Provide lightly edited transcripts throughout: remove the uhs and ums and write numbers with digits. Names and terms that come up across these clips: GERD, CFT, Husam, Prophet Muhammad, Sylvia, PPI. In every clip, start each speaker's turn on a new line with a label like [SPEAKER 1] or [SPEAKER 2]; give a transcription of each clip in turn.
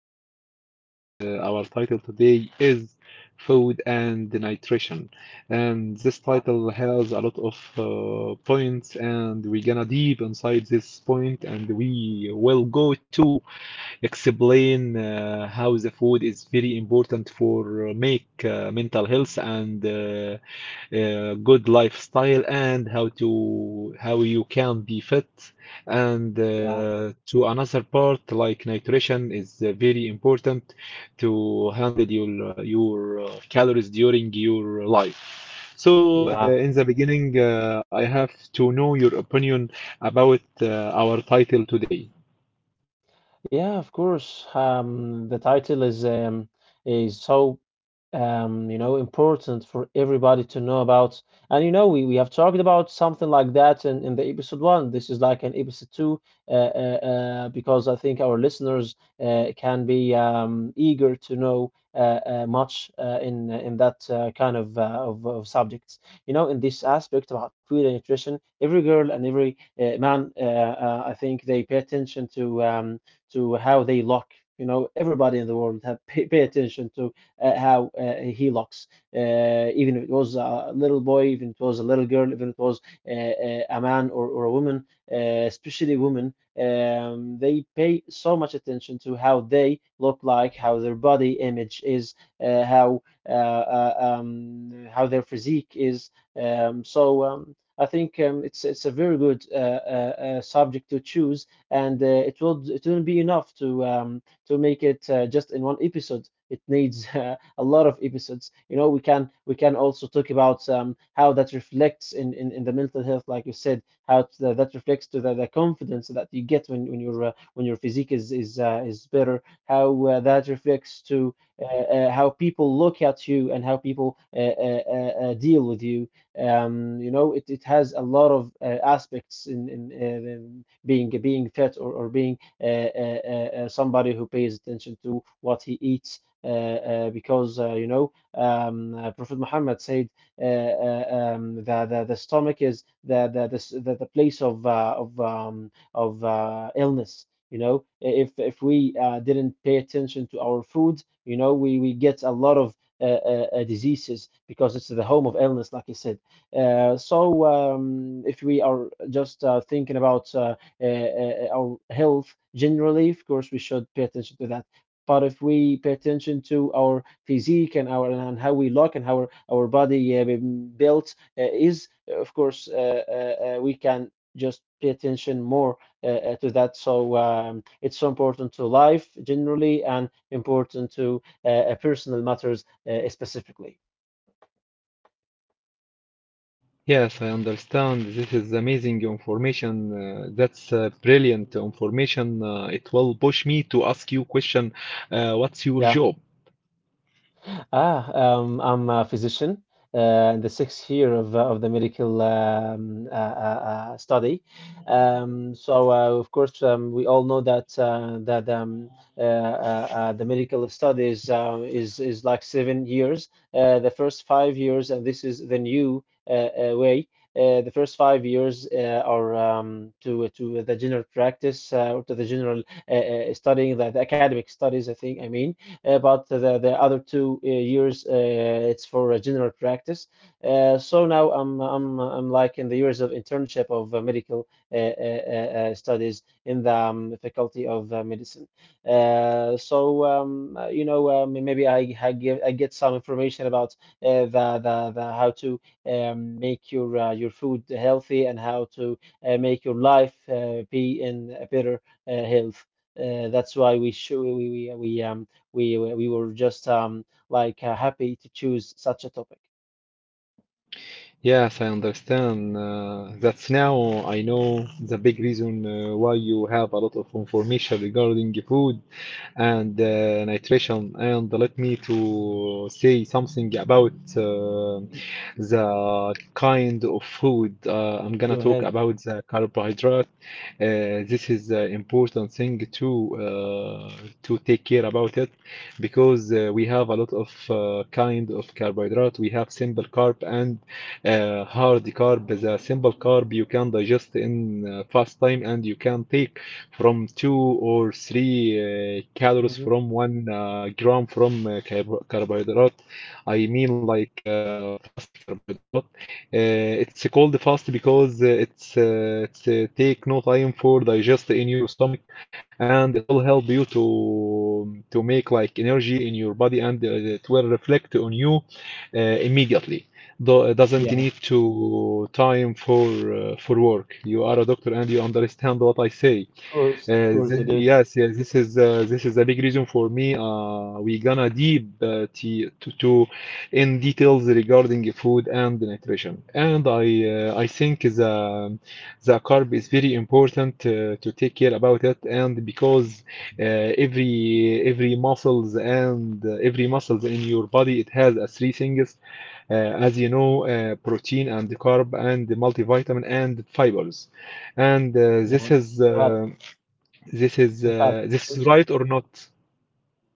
[SPEAKER 1] podcast, and our title today is food and nutrition. And this
[SPEAKER 2] yeah,
[SPEAKER 1] title has a lot of points, and we're gonna deep inside this point, and we will go to. Explain how the food is very important for make mental health and good lifestyle and how to how you can be fit and
[SPEAKER 2] yeah,
[SPEAKER 1] to another part like nutrition is very important to handle your your calories during your life so
[SPEAKER 2] yeah.
[SPEAKER 1] in the beginning I have to know your opinion about our title today.
[SPEAKER 2] Yeah, of course. The title is so important for everybody to know about. And you know, we have talked about something like that in the episode one. This is like an episode two because I think our listeners can be eager to know much in that kind of, of subjects. You know, in this aspect about food and nutrition, every girl and every man, I think they pay attention to. To how they lock. You know, everybody in the world have pay attention to how he looks. Uh, Even if it was a little boy, even if it was a little girl, even if it was a man or a woman, especially women, they pay so much attention to how they look like, how their body image is, uh, how how their physique is. I think it's a very good subject to choose and it will it won't be enough to make it just in one episode. It needs a lot of episodes. You know, we can also talk about how that reflects in the mental health, like you said, how that that reflects to the confidence that you get when your physique is better. How that reflects to how people look at you and how people deal with you you know it has a lot of aspects in being fit or being somebody who pays attention to what he eats because Prophet Muhammad said the stomach is the place of of illness. You know, if we didn't pay attention to our food, you know, we get a lot of diseases because it's the home of illness, like I said. So, if we are just thinking about our health generally, of course, we should pay attention to that. But if we pay attention to our physique and our and how we look and how our body built is, of course, we can just pay attention more to that. So it's so important to life generally and important to personal matters specifically.
[SPEAKER 1] Yes, I understand. This is amazing information. That's brilliant information. It will push me to ask you question, what's your
[SPEAKER 2] Yeah.
[SPEAKER 1] job?
[SPEAKER 2] I'm a physician in the sixth year of the medical study. Of course, we all know that the medical studies is like 7 years. The first 5 years, and this is the new uh, way. The first 5 years are to the general practice or to the general studying the academic studies, I think I mean. But the other two years it's for general practice. So now I'm like in the years of internship of medical studies in the faculty of medicine. You know, maybe I get some information about the how to make your food healthy and how to make your life be in a better health. That's why we should we were just like happy to choose such a topic.
[SPEAKER 1] Yes, I understand. That's now I know the big reason why you have a lot of information regarding food and nutrition. And let me to say something about the kind of food. I'm gonna
[SPEAKER 2] Go
[SPEAKER 1] talk
[SPEAKER 2] ahead.
[SPEAKER 1] about the carbohydrate. This is an important thing uh, to take care about it because we have a lot of kind of carbohydrate. We have simple carb and hard carb is a simple carb you can digest in fast time and you can take from two or three calories
[SPEAKER 2] Hmm.
[SPEAKER 1] from one gram from carbohydrate. I mean like fast carbohydrate. It's called fast because it's take no time for digest in your stomach and it will help you to make like energy in your body and it will reflect on you immediately doesn't
[SPEAKER 2] Yeah,
[SPEAKER 1] need to time for work. You are a doctor and you understand what I say.
[SPEAKER 2] of course I do.
[SPEAKER 1] Yes, yes, this is a big reason for me. We gonna deep to in details regarding food and nutrition. And I think the carb is very important to take care about it. And because uh, every muscles and every muscles in your body it has a three things as you know, protein and carb and multivitamin and fibers. And
[SPEAKER 2] Yeah, fat and fat, of
[SPEAKER 1] this
[SPEAKER 2] course.
[SPEAKER 1] is right or not?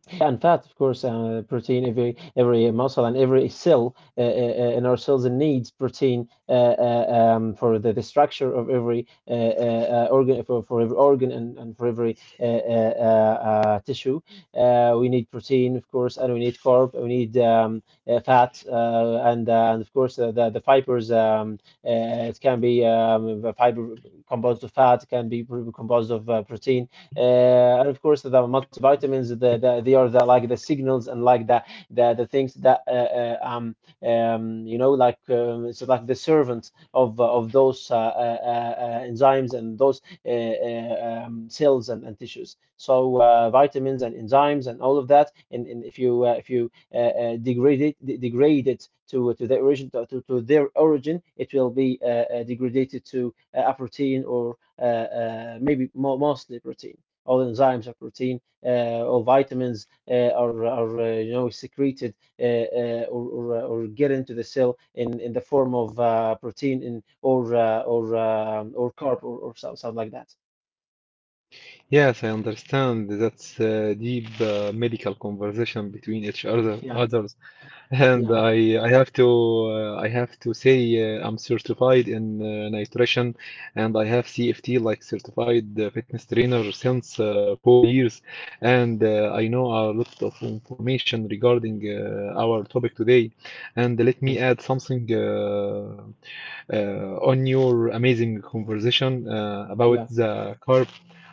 [SPEAKER 2] Yeah, and fat, of course, protein. Every muscle and every cell in our cells needs protein for the structure of every organ, for every organ and for every tissue. We need protein, of course, and we need carb, we need fat, and of course the fibers. It can be the fiber composed of fat, it can be composed of protein and of course the multivitamins, the, they are the like the signals and like the things that you know, like it's like the servants of those enzymes and those cells and tissues, so vitamins and enzymes and all of that, and if you degrade it, degrade it to their origin, their origin, it will be degraded to a protein or maybe mo mostly protein. All enzymes or protein or vitamins are you know, secreted or get into the cell in the form of protein or or carb or so, something like that.
[SPEAKER 1] Yes, I understand. That's deep medical conversation between each other
[SPEAKER 2] Yeah,
[SPEAKER 1] others. And
[SPEAKER 2] yeah,
[SPEAKER 1] I have to I have to say I'm certified in nutrition and I have CFT like certified fitness trainer since 4 years and I know a lot of information regarding our topic today and let me
[SPEAKER 2] Mm.
[SPEAKER 1] add something on your amazing conversation about
[SPEAKER 2] yeah,
[SPEAKER 1] the carb.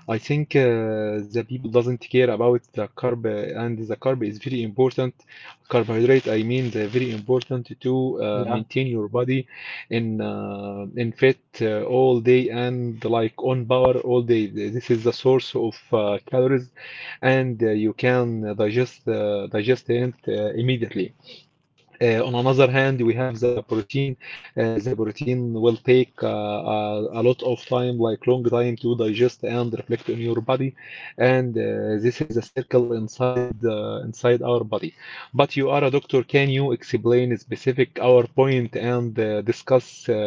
[SPEAKER 1] I think the people doesn't care about the carb, and the carb is very important. Carbohydrate, I mean, they're very important to
[SPEAKER 2] yeah,
[SPEAKER 1] maintain your body in fit all day and like on power all day. This is the source of calories, and you can digest digest it immediately. On another hand, we have the protein. The protein will take a lot of time, like long time, to digest and reflect in your body. And this is the circle inside our body. But you are a doctor. Can you explain specific our point and discuss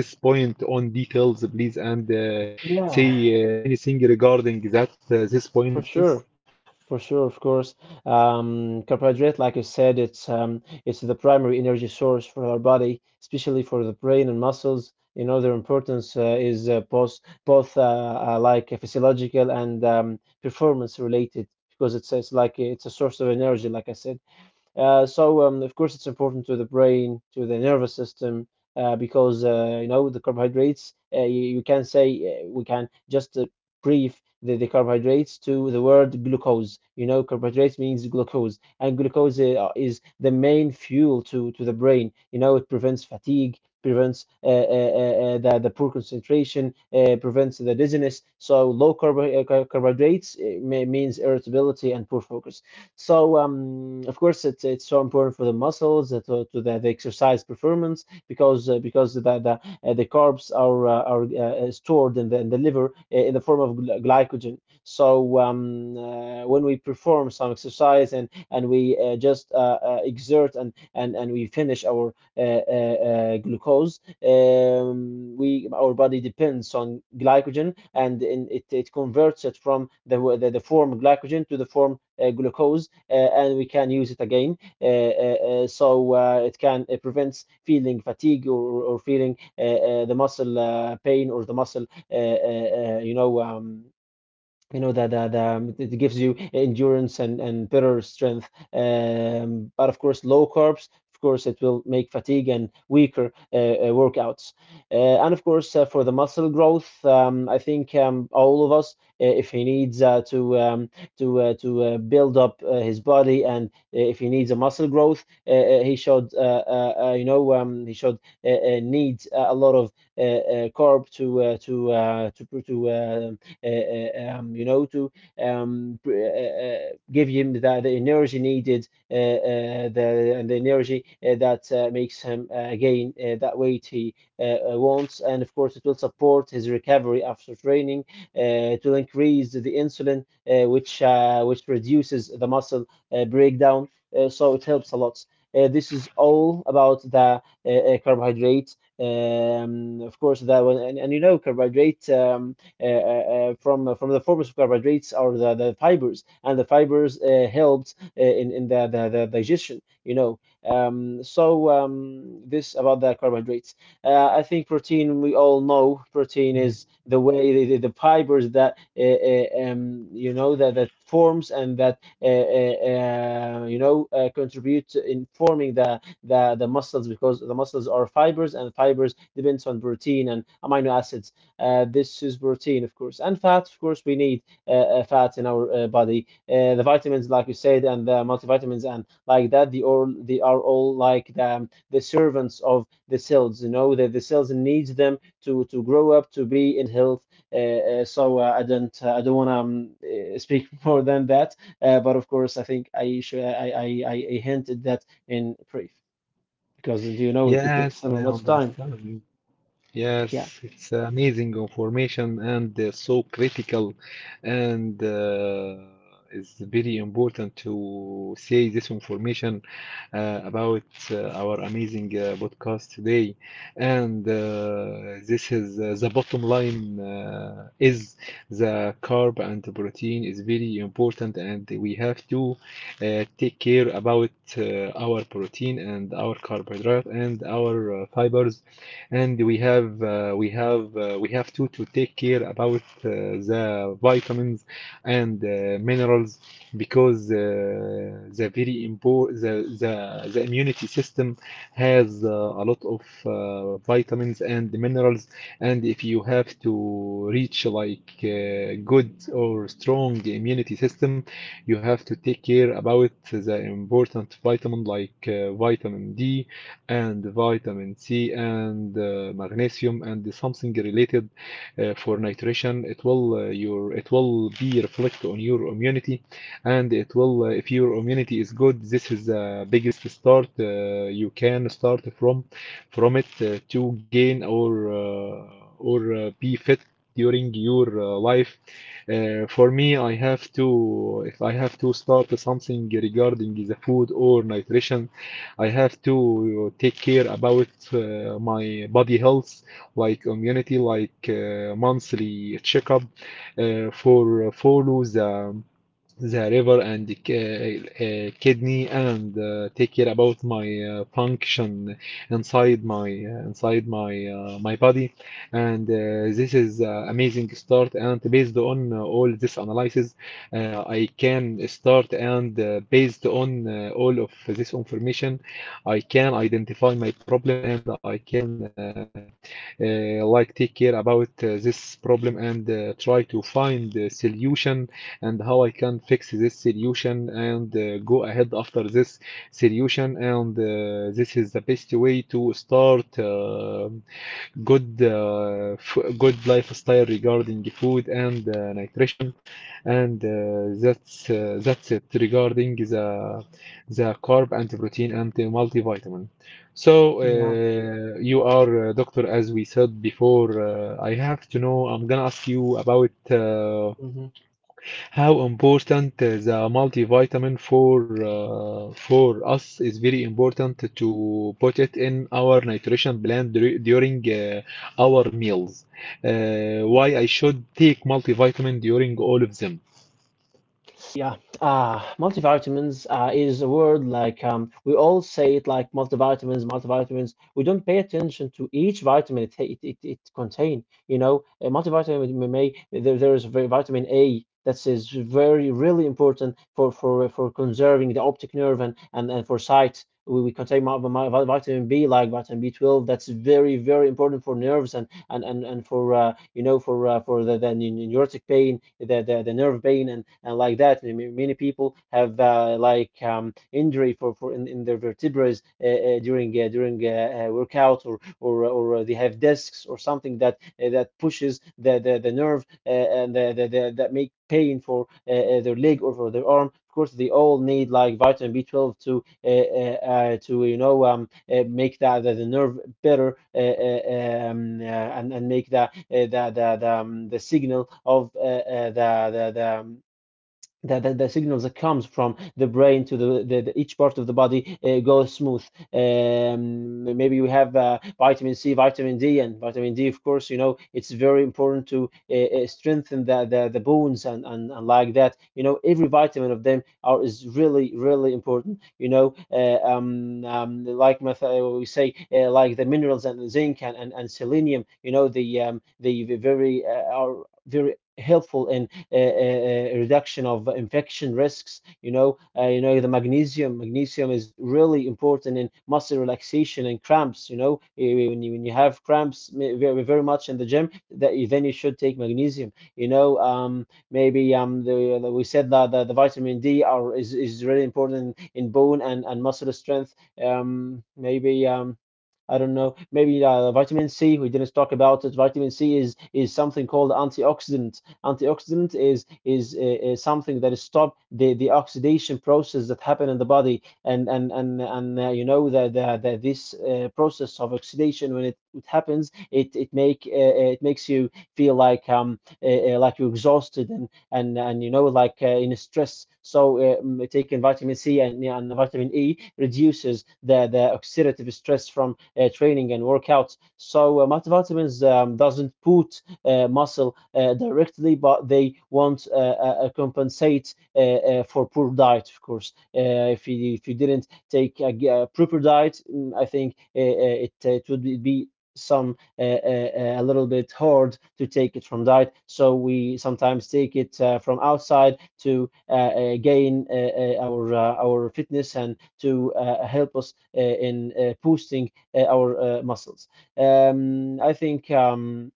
[SPEAKER 1] this point on details, please, and say
[SPEAKER 2] yeah,
[SPEAKER 1] anything regarding that this point,
[SPEAKER 2] for
[SPEAKER 1] please?
[SPEAKER 2] sure, for sure, of course. Carbohydrate, like I said, it's the primary energy source for our body, especially for the brain and muscles. You know, their importance is both like physiological and performance related, because it's like it's a source of energy, like I said. Of course, it's important to the brain, to the nervous system, because you know, the carbohydrates. You can say we can just brief the carbohydrates to the word glucose. You know, carbohydrates means glucose, and glucose is the main fuel to the brain. You know, it prevents fatigue, prevents the poor concentration, prevents the dizziness. So low carb carbohydrates means irritability and poor focus. So of course, it's so important for the muscles, to the exercise performance, because the carbs are stored in the liver in the form of glycogen. So when we perform some exercise and we just exert and we finish our glucose, we our body depends on glycogen, it converts it from the form glycogen to the form glucose, and we can use it again, so it can prevent feeling fatigue, or feeling the muscle pain or the muscle you know that it gives you endurance and better strength. But of course, low carbs. Of course, it will make fatigue and weaker workouts. And of course, for the muscle growth, I think all of us, if he needs to build up his body, and if he needs a muscle growth, he should he should need a lot of carb to you know, to give him the energy needed, the energy that makes him gain that weight he wants, and of course it will support his recovery after training. It will increase the insulin, which reduces the muscle breakdown, so it helps a lot. This is all about the carbohydrates. Of course, that one, and you know, carbohydrate. From the forms of carbohydrates or the fibers, and the fibers helped the digestion. You know, this about the carbohydrates. I think protein. We all know protein
[SPEAKER 1] Yeah.
[SPEAKER 2] is the way the fibers that you know that that forms and that you know, contribute to in forming the muscles, because the muscles are fibers and fibers depends on protein and amino acids this is protein, of course, and fat. Of course, we need fat in our body. The vitamins, like you said, and the multivitamins and like that, they are all like the servants of the cells. You know, the cells needs them to grow up to be in health. I don't want to speak more than that. But of course, I think I should I hinted that in brief because it takes
[SPEAKER 1] Yes, I
[SPEAKER 2] so much time.
[SPEAKER 1] understand.
[SPEAKER 2] Yeah.
[SPEAKER 1] Yes, it's amazing information and so critical, and it's very important to say this information about our amazing podcast today. And this is the bottom line is the carb and the protein is very important, and we have to take care about our protein and our carbohydrate and our fibers and we have to take care about the vitamins and minerals because the very important the immunity system has a lot of vitamins and minerals and if you have to reach like good or strong immunity system you have to take care about the important vitamin like vitamin D and vitamin C and magnesium and something related for nutrition. It will your it will be reflect on your immunity, and it will if your immunity is good, this is the biggest start you can start from it to gain or be fit during your life. For me, I have to if I have to start something regarding the food or nutrition. I have to take care about my body health, like immunity, like monthly checkup for follow the river and kidney and take care about my function inside my my body and this is amazing start and based on all this analysis I can start and based on all of this information I can identify my problem and I can like take care about this problem and try to find a solution and how I can fix this solution and go ahead after this solution. And this is the best way to start good uh, f good lifestyle regarding food and nutrition. And that's it regarding the carb and protein and the multivitamin. So,
[SPEAKER 2] Yeah.
[SPEAKER 1] uh, you are a doctor, as we said before. I have to know, I'm gonna ask you about
[SPEAKER 2] Mhm.
[SPEAKER 1] how important the multivitamin for us is very important to put it in our nutrition plan during our meals. Why I should take multivitamin during all of them?
[SPEAKER 2] Yeah, Multivitamins is a word like we all say it like multivitamins, multivitamins. We don't pay attention to each vitamin it contain. You know, a multivitamin may there is a very vitamin A that is very really important for conserving the optic nerve and for sight. We contain vitamin B like vitamin B12 that's very very important for nerves and for you know for the neurotic pain, the nerve pain, and like that. I mean, many people have injury for in their vertebrae during workout or they have discs or something that that pushes the nerve and that make pain for their leg or for their arm. Of course, they all need like vitamin B12 to you know make that the nerve better and make the the signal of the signals that comes from the brain to the- each part of the body goes smooth. Maybe we have vitamin C, vitamin D, and vitamin D, of course, you know, it's very important to strengthen the bones and like that. You know, every vitamin of them are is really, really important. You know, like we say, like the minerals and zinc and selenium, you know, the very are very helpful in reduction of infection risks. You know the magnesium. Magnesium is really important in muscle relaxation and cramps. You know, when you have cramps very, very much in the gym, that then you should take magnesium. You know, maybe we said that the vitamin D are is really important in bone and muscle strength. Maybe I don't know. Maybe vitamin C. We didn't talk about it. Vitamin C is something called antioxidant. Antioxidant is something that stop the oxidation process that happen in the body, and you know that this process of oxidation when it happens, it make it makes you feel like you're exhausted and you know like in stress. So taking vitamin C and vitamin E reduces the oxidative stress from training and workouts. So multivitamins doesn't put muscle directly, but they want compensate for poor diet, of course. If you didn't take a proper diet, I think it would be some a little bit hard to take it from diet, so we sometimes take it from outside to gain our fitness and to help us in boosting our muscles. Um, I think um,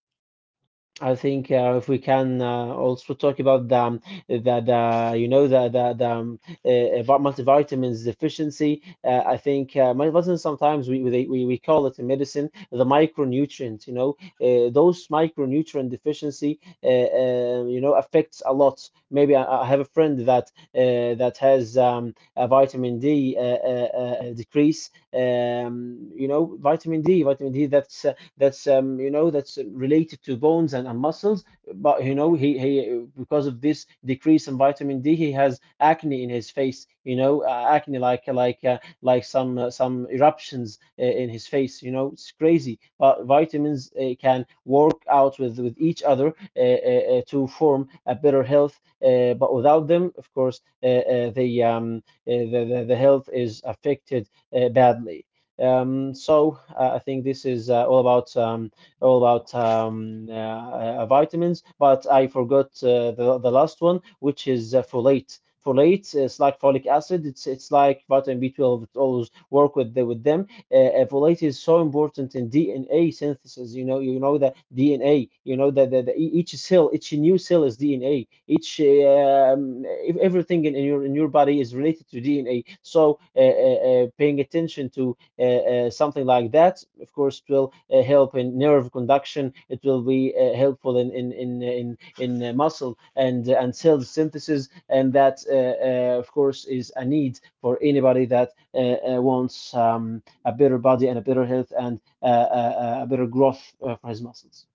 [SPEAKER 2] I think if we can also talk about the you know the multivitamins deficiency. I think multivitamins sometimes we call it in medicine the micronutrient. You know those micronutrient deficiency you know affects a lot. Maybe I have a friend that that has a vitamin D decrease. You know vitamin D that's you know that's related to bones and muscles. But you know he because of this decrease in vitamin D, he has acne in his face. You know acne like some eruptions in his face. You know it's crazy. But vitamins can work out with each other to form a better health. But without them, of course, the health is affected badly. I think this is all about vitamins, but I forgot the last one, which is folate. Folate is like folic acid. It's like vitamin B12. It always work with with them. Folate is so important in DNA synthesis. You know, you know the DNA. You know that each cell, each new cell is DNA. Everything in your body is related to DNA. So paying attention to something like that. Of course, it will help in nerve conduction. It will be helpful in in muscle and cell synthesis, and that of course is a need for anybody that wants a better body and a better health and a better growth for his muscles.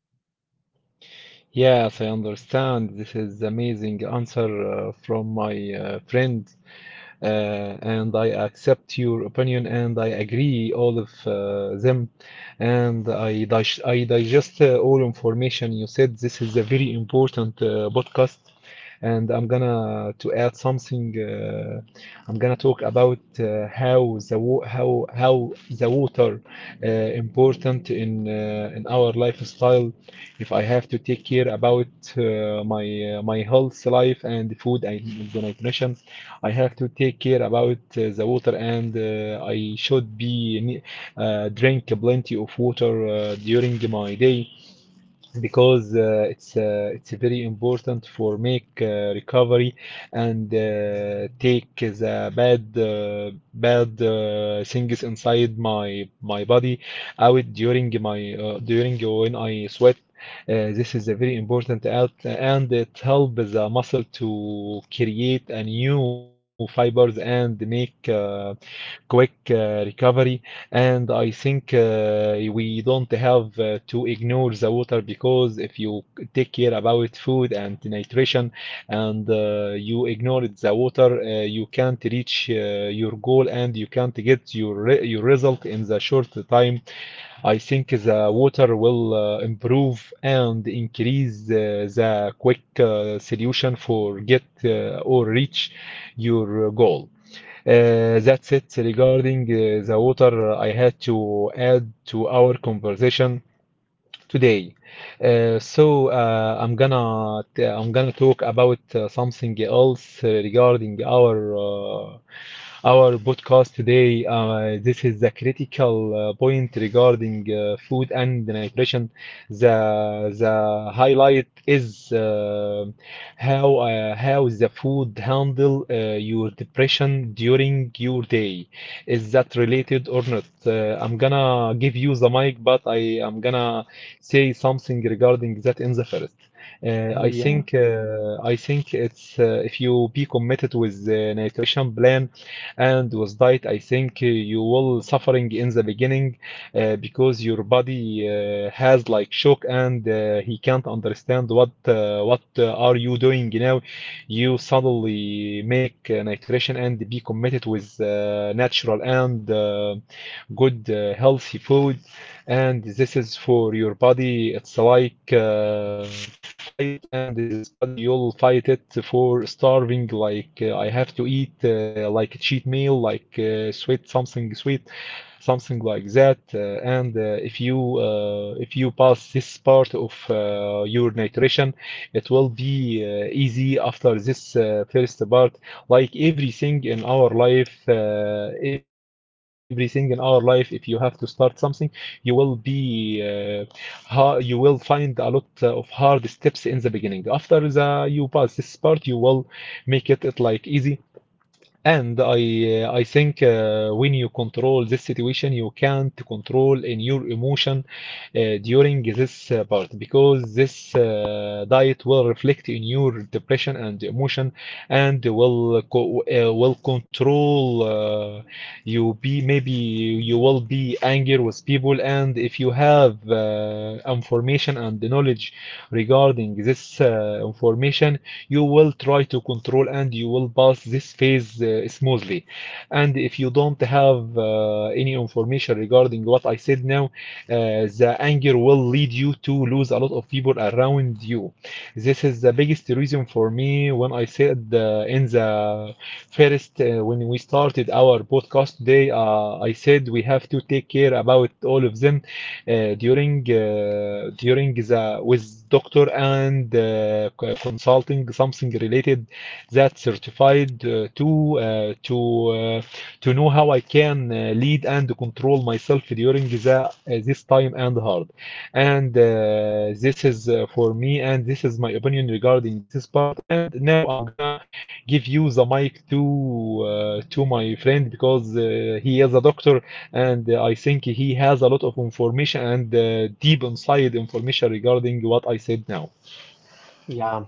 [SPEAKER 1] Yes, I understand. This is amazing answer from my friend. uh, and I accept your opinion and I agree all of them and I digest all information you said. This is a very important podcast and I'm gonna to add something. I'm gonna talk about how the water important in our lifestyle. If I have to take care about uh, my my health life and food and nutrition, I have to take care about the water and I should drink plenty of water during my day because it's very important for make recovery and take the bad things inside my body out during my during when I sweat. This is a very important out and it helps the muscle to create a new fibers and make quick recovery and I think we don't have to ignore the water because if you take care about food and nutrition and you ignore the water, you can't reach your goal and you can't get your result in the short time. I think the water will improve and increase the quick solution for get or reach your goal. That's it regarding the water I had to add to our conversation today. I'm gonna talk about something else regarding our our podcast today. This is the critical point regarding food and nutrition. The highlight is how the food handle your depression during your day. Is that related or not? I'm gonna give you the mic, but I am gonna say something regarding that in the first.
[SPEAKER 2] Yeah.
[SPEAKER 1] I think it's if you be committed with the nutrition plan and with diet, I think you will suffering in the beginning because your body has like shock and he can't understand what are you doing now. You suddenly make nutrition and be committed with natural and good healthy food and this is for your body. It's like fight, and this body you'll fight it for starving. Like I have to eat like a cheat meal, like sweet, something like that. And if you pass this part of your nutrition, it will be easy after this first part. Like everything in our life, everything in our life, if you have to start something you will be ha you will find a lot of hard steps in the beginning. After the you pass this part, you will make it, it like easy. And I think when you control this situation, you can't control in your emotion during this part because this diet will reflect in your depression and emotion and will co will control you be maybe you will be angry with people. And if you have information and knowledge regarding this information, you will try to control, and you will pass this phase smoothly. And if you don't have any information regarding what I said now, the anger will lead you to lose a lot of people around you. This is the biggest reason for me when I said in the first, when we started our podcast today, I said we have to take care about all of them during the with doctor and consulting something related that certified uh, to know how I can lead and control myself during the this time and hard and this is for me, and this is my opinion regarding this part. And now I'm gonna give you the mic to my friend, because he is a doctor, and I think he has a lot of information and deep inside information regarding what I said now.
[SPEAKER 2] Yeah,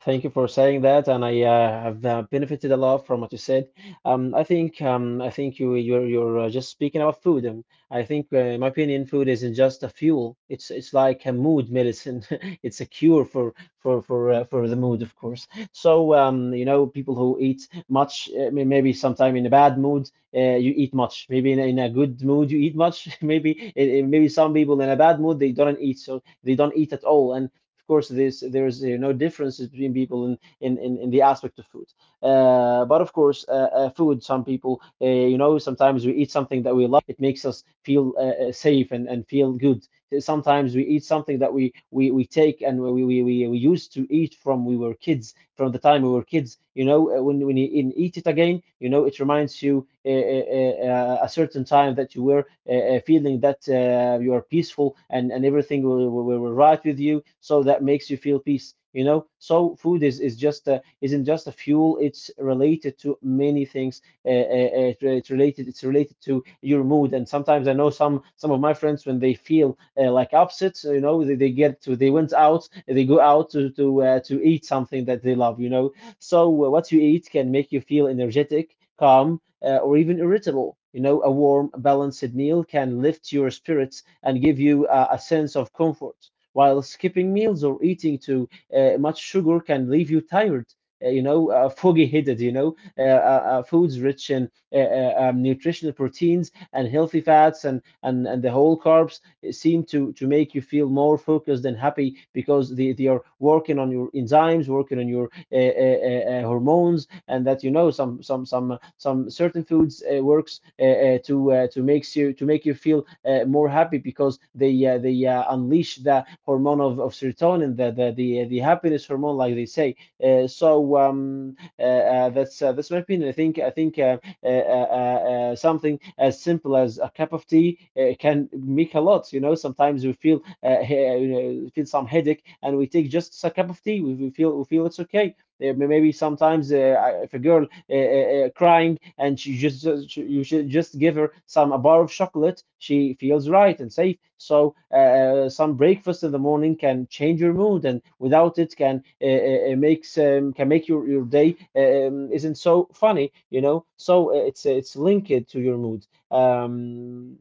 [SPEAKER 2] thank you for saying that, and I have benefited a lot from what you said. I think you're just speaking about food. I think, in my opinion, food isn't just a fuel. It's like a mood medicine. It's a cure for for the mood, of course. So you know, people who eat much, maybe sometime in a bad mood, you eat much. Maybe in in a good mood, you eat much. Maybe maybe some people in a bad mood they don't eat, so they don't eat at all, and of course, there's you know differences between people in in the aspect of food. But of course, food. Some people, you know, sometimes we eat something that we love. It makes us feel safe and feel good. Sometimes we eat something that we take and we used to eat from we were kids from the time we were kids. You know, when you eat it again, you know it reminds you a certain time that you were feeling that you are peaceful, and everything will right with you, so that makes you feel peace. You know, so food is just isn't just a fuel. It's related to many things. It's related to your mood, and sometimes I know some of my friends, when they feel like upset, you know, they get to they went out, they go out to eat something that they love. You know, so what you eat can make you feel energetic, calm, or even irritable. You know, a warm balanced meal can lift your spirits and give you a sense of comfort, while skipping meals or eating too much sugar can leave you tired, you know, foggy headed. You know, foods rich in nutritional proteins and healthy fats, and the whole carbs seem to make you feel more focused and happy, because they are working on your enzymes, working on your hormones, and that you know some certain foods works to make you feel more happy, because they unleash the hormone of serotonin, the happiness hormone, like they say. That's my opinion. I think something as simple as a cup of tea can make a lot. You know, sometimes we feel feel some headache, and we take just a cup of tea. We feel it's okay. Maybe sometimes if a girl crying and you should just give her some a bar of chocolate, she feels right and safe. So some breakfast in the morning can change your mood, and without it can makes can make your day isn't so funny. So it's linked to your mood.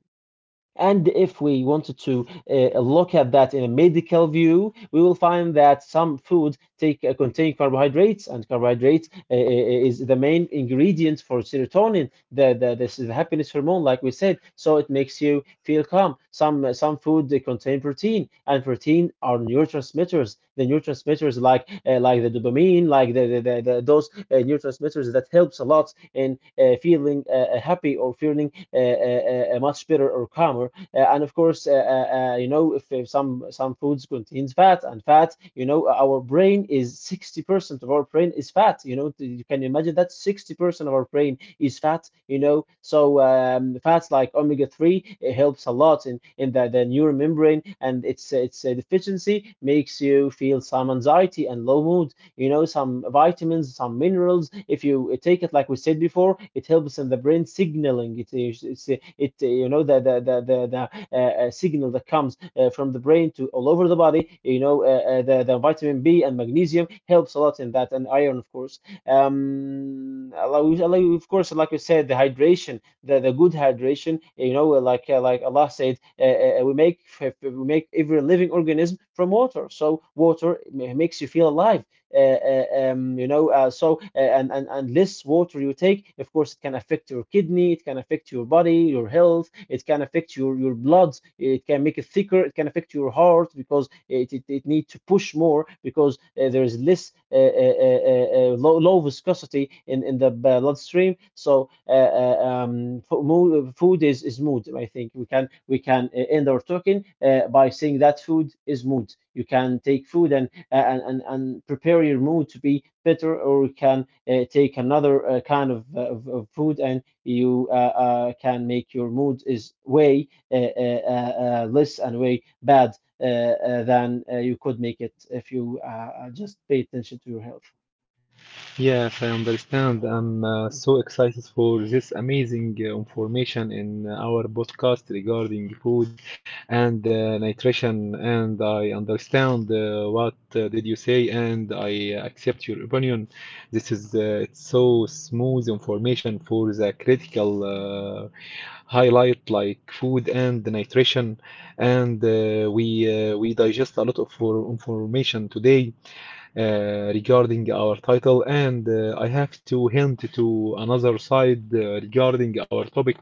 [SPEAKER 2] And if we wanted to look at that in a medical view, we will find that some foods take contain carbohydrates, and carbohydrates is the main ingredient for serotonin. The This is the happiness hormone, like we said. So it makes you feel calm. Some food they contain protein, and protein are neurotransmitters. The neurotransmitters like the dopamine, like the those neurotransmitters that helps a lot in feeling happy or feeling much better or calmer. And of course, if some foods contains fat and fat, you know, our brain is 60% of our brain is fat. You know, you can imagine that 60% of our brain is fat. You know, so fats like omega 3 it helps a lot in the neural membrane, and its deficiency makes you feel some anxiety and low mood. You know, some vitamins, some minerals, if you take it like we said before, it helps in the brain signaling. It is it's, it You know, the signal that comes from the brain to all over the body, you know, the vitamin B and magnesium helps a lot in that, and iron of course. um allow- of course, like we said, the hydration, the good hydration, you know, like Allah said, we make, we make every living organism from water, so water makes you feel alive. uh, uh, so and less water you take, of course, it can affect your kidney, it can affect your body, your health, it can affect your blood, it can make it thicker, it can affect your heart because it needs to push more because there is less low viscosity in the bloodstream. So food is mood. I think we can end our talking by saying that food is mood. You can take food and prepare your mood to be better, or you can take another kind of food, and you can make your mood is way less and way bad than you could make it if you just pay attention to your health.
[SPEAKER 1] Yes, I understand. I'm so excited for this amazing information in our podcast regarding food and nutrition. And I understand what did you say, and I accept your opinion. This is it's so smooth information for the critical highlight like food and the nutrition. And we digest a lot of information today regarding our title, and I have to hint to another side regarding our topic.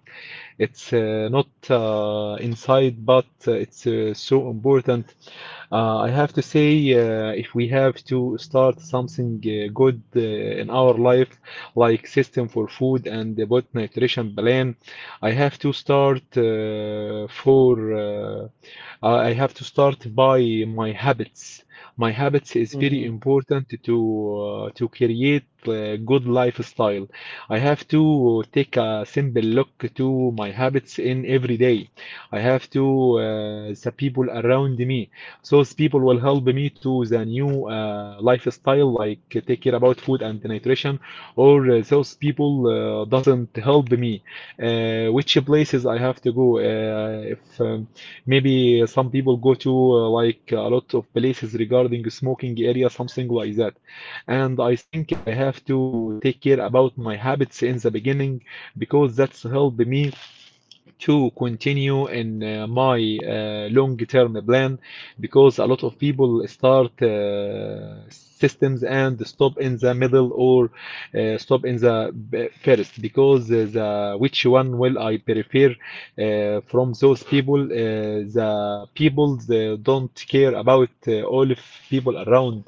[SPEAKER 1] It's not inside, but it's so important. I have to say, if we have to start something good in our life, like system for food and about nutrition plan, I have to start for. I have to start by my habits. My habits is very
[SPEAKER 2] Mhm.
[SPEAKER 1] important to create a good lifestyle. I have to take a simple look to my habits in every day. I have to the people around me. So those people will help me to the new lifestyle, like take care about food and nutrition, or those people doesn't help me. Which places I have to go? If Maybe some people go to like a lot of places regarding smoking area, something like that. And I think I have to take care about my habits in the beginning, because that's helped me to continue in my long-term plan, because a lot of people start systems and stop in the middle, or stop in the first, because the which one will I prefer from those people, the people they don't care about all of people around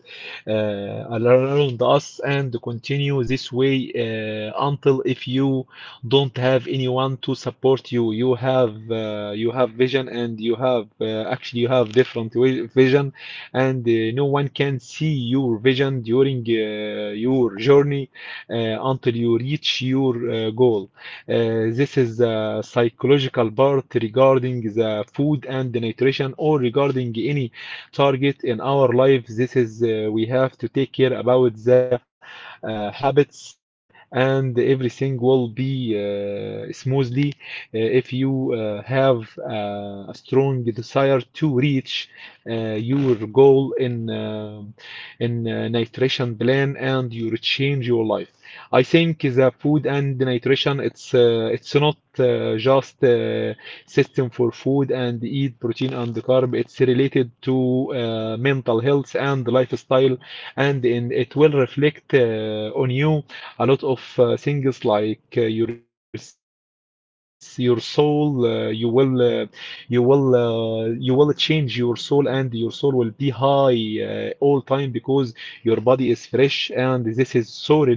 [SPEAKER 1] around us, and continue this way until if you don't have anyone to support you. You have vision, and you have actually you have different vision, and no one can see your vision during your journey uh, until you reach your goal. This is a psychological part regarding the food and the nutrition, or regarding any target in our life. This is we have to take care about the habits, and everything will be smoothly if you have a strong desire to reach uh, your goal in nutrition plan and you change your life. I think the food and nutrition, it's not just system for food and eat protein and carb. It's related to mental health and lifestyle, and in, it will reflect on you a lot of things, like your soul. You will change your soul, and your soul will be high all time, because your body is fresh, and this is so related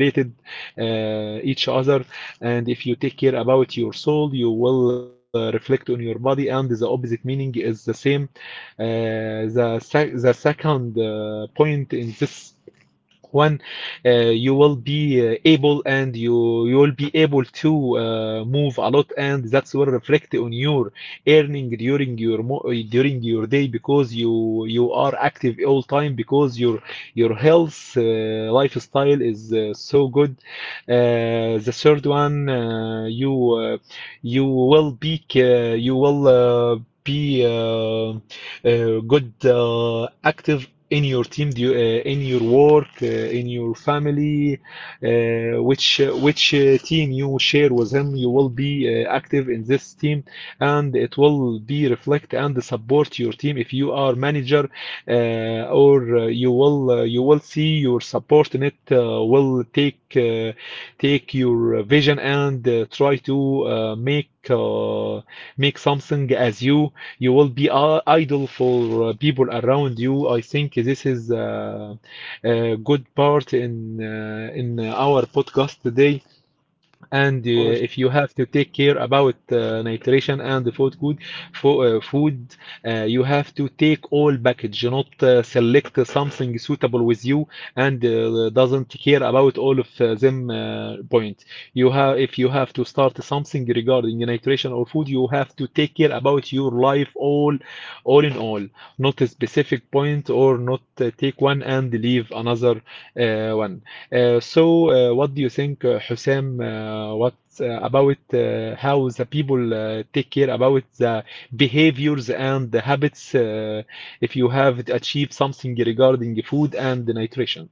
[SPEAKER 1] each other. And if you take care about your soul, you will reflect on your body, and the opposite meaning is the same. Uh, the sec- the second point in this one, you will be able, and you will be able to move a lot, and that's will reflect on your earning during your mo during your day, because you are active all time, because your health lifestyle is so good. The third one, you will be you will be good active in your team, in your work, in your family, which team you share with him, you will be active in this team, and it will be reflect and support your team if you are manager, or you will see your support in it will take take your vision, and try to make make something as you. You will be idle for people around you. I think this is a good part in our podcast today. and
[SPEAKER 2] Of course.
[SPEAKER 1] uh, if you have to take care about nutrition and the food good for food, you have to take all package, not select something suitable with you, and doesn't care about all of them point. You have, if you have to start something regarding nutrition or food, you have to take care about your life all in all, not a specific point, or not take one and leave another one. So, what do you think, Husam? What about how the people take care about the behaviors and the habits, if you have achieved something regarding food and nutrition.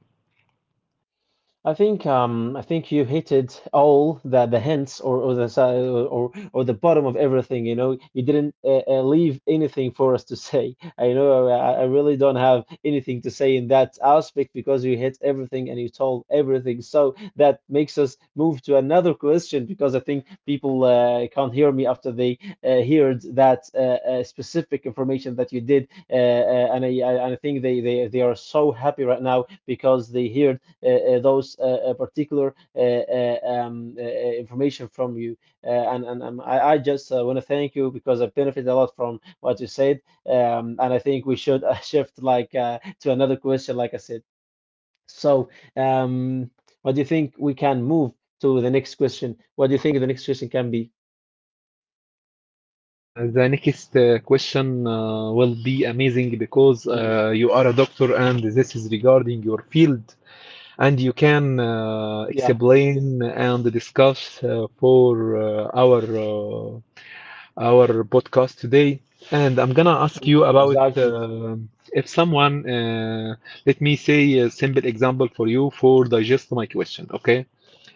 [SPEAKER 2] I think you hit it all, the hints or the bottom of everything. You know, you didn't leave anything for us to say. I know I really don't have anything to say in that aspect because you hit everything and you told everything. So that makes us move to another question because I think people can't hear me after they heard that specific information that you did, and and I think they are so happy right now because they heard those particular information from you. And I just want to thank you because I benefited a lot from what you said. And I think we should shift like to another question, like I said. So, um, what do you think? We can move to the next question. What do you think the next question can be?
[SPEAKER 1] The next question will be amazing, because
[SPEAKER 2] Mhm.
[SPEAKER 1] you are a doctor, and this is regarding your field, and you can
[SPEAKER 2] Yeah,
[SPEAKER 1] explain and discuss for uh, our uh, our podcast today. And I'm gonna ask
[SPEAKER 2] I'm,
[SPEAKER 1] you
[SPEAKER 2] I'm
[SPEAKER 1] about,
[SPEAKER 2] excited.
[SPEAKER 1] um, if someone, let me say a simple example for you for digest my question, okay?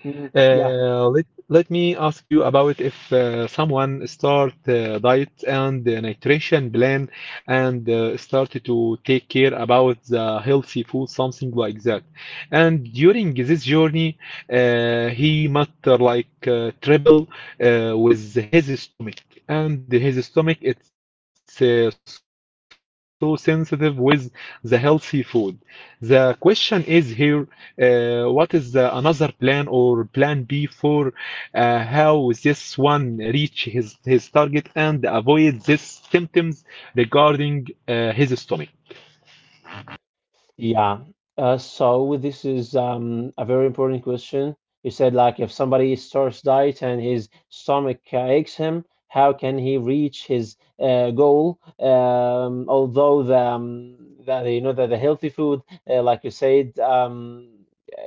[SPEAKER 2] Mhm. Yeah.
[SPEAKER 1] Let me ask you about, if someone start diet and nutrition plan, and start to take care about the healthy food, something like that. And during this journey, he must like travel with his stomach, and his stomach it's so sensitive with the healthy food. The question is here, what is the another plan, or plan B for? How this one reach his target, and avoid these symptoms regarding his stomach.
[SPEAKER 2] Yeah. So this is a very important question. You said, like, if somebody starts diet and his stomach aches him, how can he reach his goal? Although the you know that the healthy food, like you said,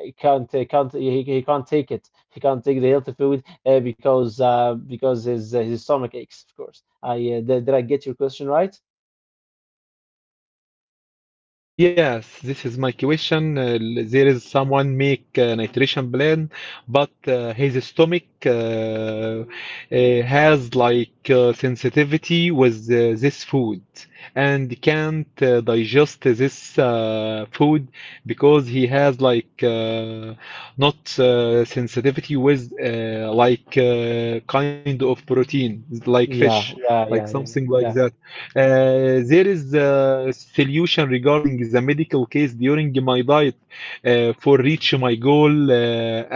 [SPEAKER 2] he can't take it. He can't take the healthy food because his stomach aches, of course. I did I get your question right?
[SPEAKER 1] Yes, this is my question. There is someone make an iteration plan, but his stomach has like sensitivity with this food, and can't digest this food, because he has like not sensitivity with like kind of protein, like fish,
[SPEAKER 2] Yeah, yeah,
[SPEAKER 1] like
[SPEAKER 2] yeah,
[SPEAKER 1] something
[SPEAKER 2] yeah,
[SPEAKER 1] like
[SPEAKER 2] yeah,
[SPEAKER 1] that. There is a solution regarding the medical case during my diet for reach my goal.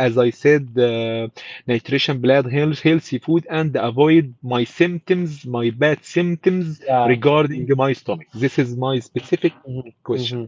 [SPEAKER 1] As I said, nutrition, blood, health, healthy food, and avoid my symptoms, my bad symptoms
[SPEAKER 2] yeah.
[SPEAKER 1] regarding my stomach. This is my specific
[SPEAKER 2] Mhm, mhm.
[SPEAKER 1] question.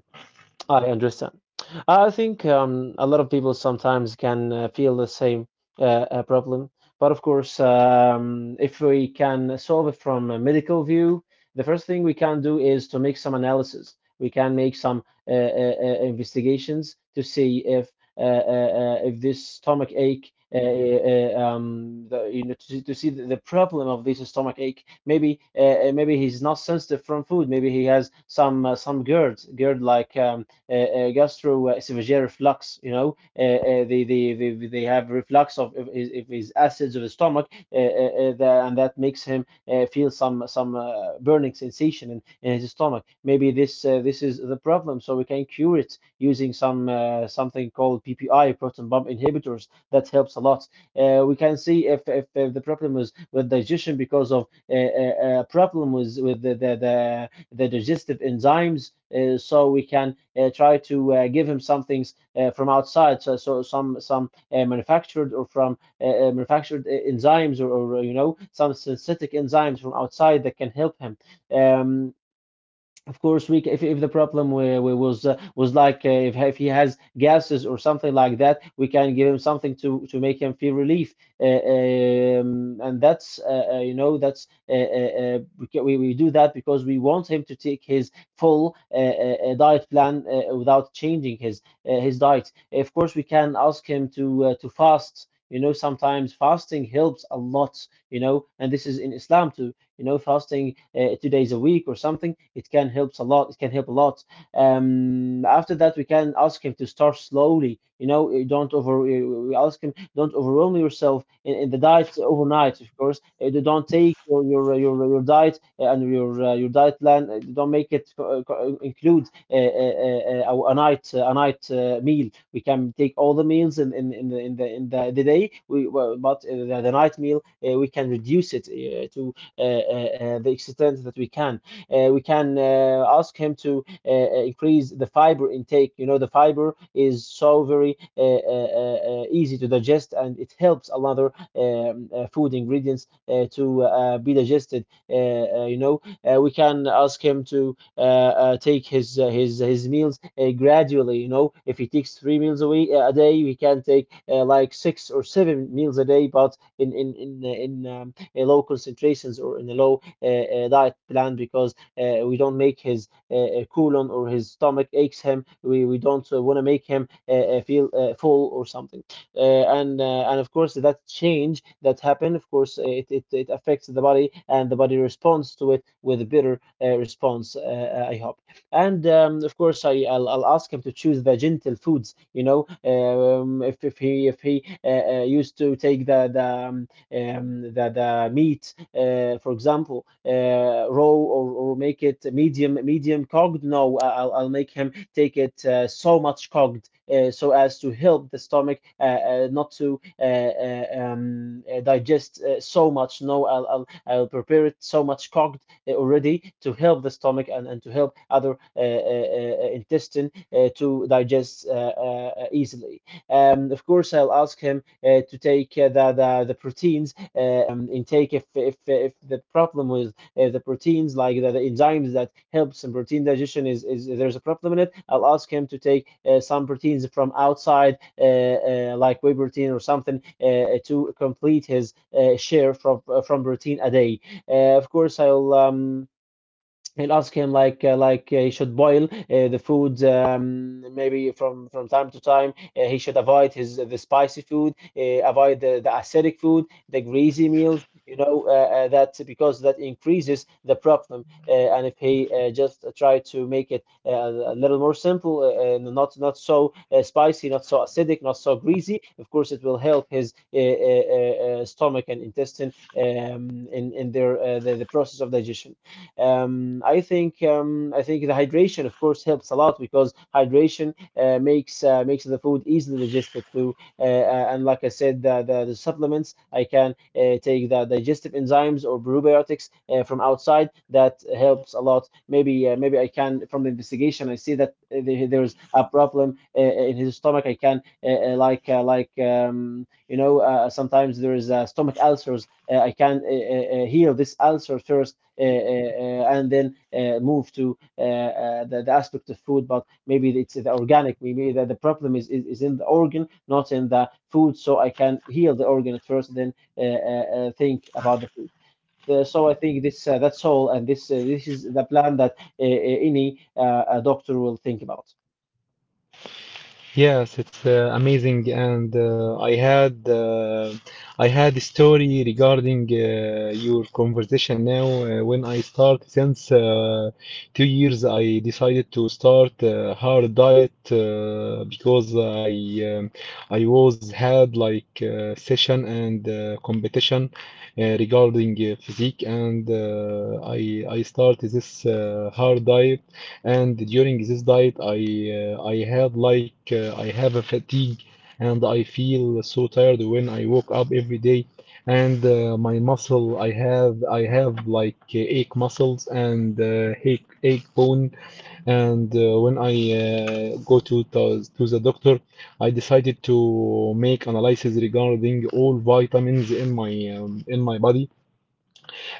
[SPEAKER 2] I understand. I think a lot of people sometimes can feel the same uh, problem, but of course, if we can solve it from a medical view, the first thing we can do is to make some analysis. We can make some investigations to see if this stomach ache. You know, to see the problem of this stomach ache. Maybe, maybe he's not sensitive from food. Maybe he has some GERD, GERD, like gastroesophageal reflux. You know, they have reflux of his acids, of his stomach, and that makes him feel some burning sensation in his stomach. Maybe this is the problem, so we can cure it using some something called PPI, proton pump inhibitors. That helps a lot. We can see if the problem is with digestion because of a problem with the digestive enzymes, so we can try to give him some things from outside, so some manufactured or from manufactured enzymes, or, you know, some synthetic enzymes from outside that can help him. um, of course, we, if the problem was like if he has gases or something like that, we can give him something to make him feel relief. Uh, and that's you know, that's we do that because we want him to take his full diet plan without changing his diet. Of course, we can ask him to fast. You know, sometimes fasting helps a lot. You know, and this is in Islam too. You know, fasting 2 days a week or something, it can help a lot, it can help a lot. After that, we can ask him to start slowly. You know, you don't over, we ask him don't overwhelm yourself in the diet overnight, of course. You don't take your diet and your diet plan, don't make it include uh, uh, a night meal. We can take all the meals in the day we well, but the night meal we can reduce it to the extent that we can. We can ask him to increase the fiber intake. You know, the fiber is so very easy to digest, and it helps another food ingredients to be digested. We can ask him to take his meals gradually. You know, if he takes three meals a week a day, we can take like 6 or 7 meals a day. But in low concentrations, or in a low diet plan, because we don't make his colon or his stomach aches him. We don't want to make him feel full or something. And of course, that change that happened, of course, it affects the body, and the body responds to it with a better response. I hope. And of course, I'll ask him to choose the gentle foods. You know, if he used to take the meat, for example, raw, or make it medium cooked. No, I- will I'll make him take it so much cooked so as to help the stomach not to digest so much. No, I'll prepare it so much cooked already to help the stomach, and to help other intestine to digest easily. Of course, I'll ask him to take the proteins intake. If the problem with the proteins, like the enzymes that helps in protein digestion, is there's a problem in it. I'll ask him to take some proteins from outside, like whey protein or something, to complete his share from protein a day. Of course, I'll he'll ask him like he should boil the food, maybe from time to time. Uh, he should avoid his the spicy food, avoid the acidic food, the greasy meals you know that because that increases the problem. And if he just try to make it a little more simple, and not so spicy, not so acidic, not so greasy, of course it will help his stomach and intestine in their the process of digestion. I think the hydration, of course, helps a lot, because hydration makes the food easily digested too. And like I said, the supplements, I can take the digestive enzymes or probiotics from outside. That helps a lot. Maybe I can, from the investigation, I see that there's a problem in his stomach. I can like you know sometimes there is stomach ulcers. I can heal this ulcer first, and then move to the aspect of food. But maybe it's the organic. Maybe the problem is in the organ, not in the food. So I can heal the organ at first, then think about the food. So I think this that's all, and this is the plan that uh, uh, any doctor will think about.
[SPEAKER 1] Yes, it's amazing, and I had a story regarding your conversation now. When I start since 2 years, I decided to start a hard diet, because um, I was had like session and competition regarding physique, and I started this hard diet, and during this diet I had like I have a fatigue, and I feel so tired when I woke up every day, and my muscle I have like ache muscles, and ache bone, and when I go to, to the doctor, I decided to make analysis regarding all vitamins in my body,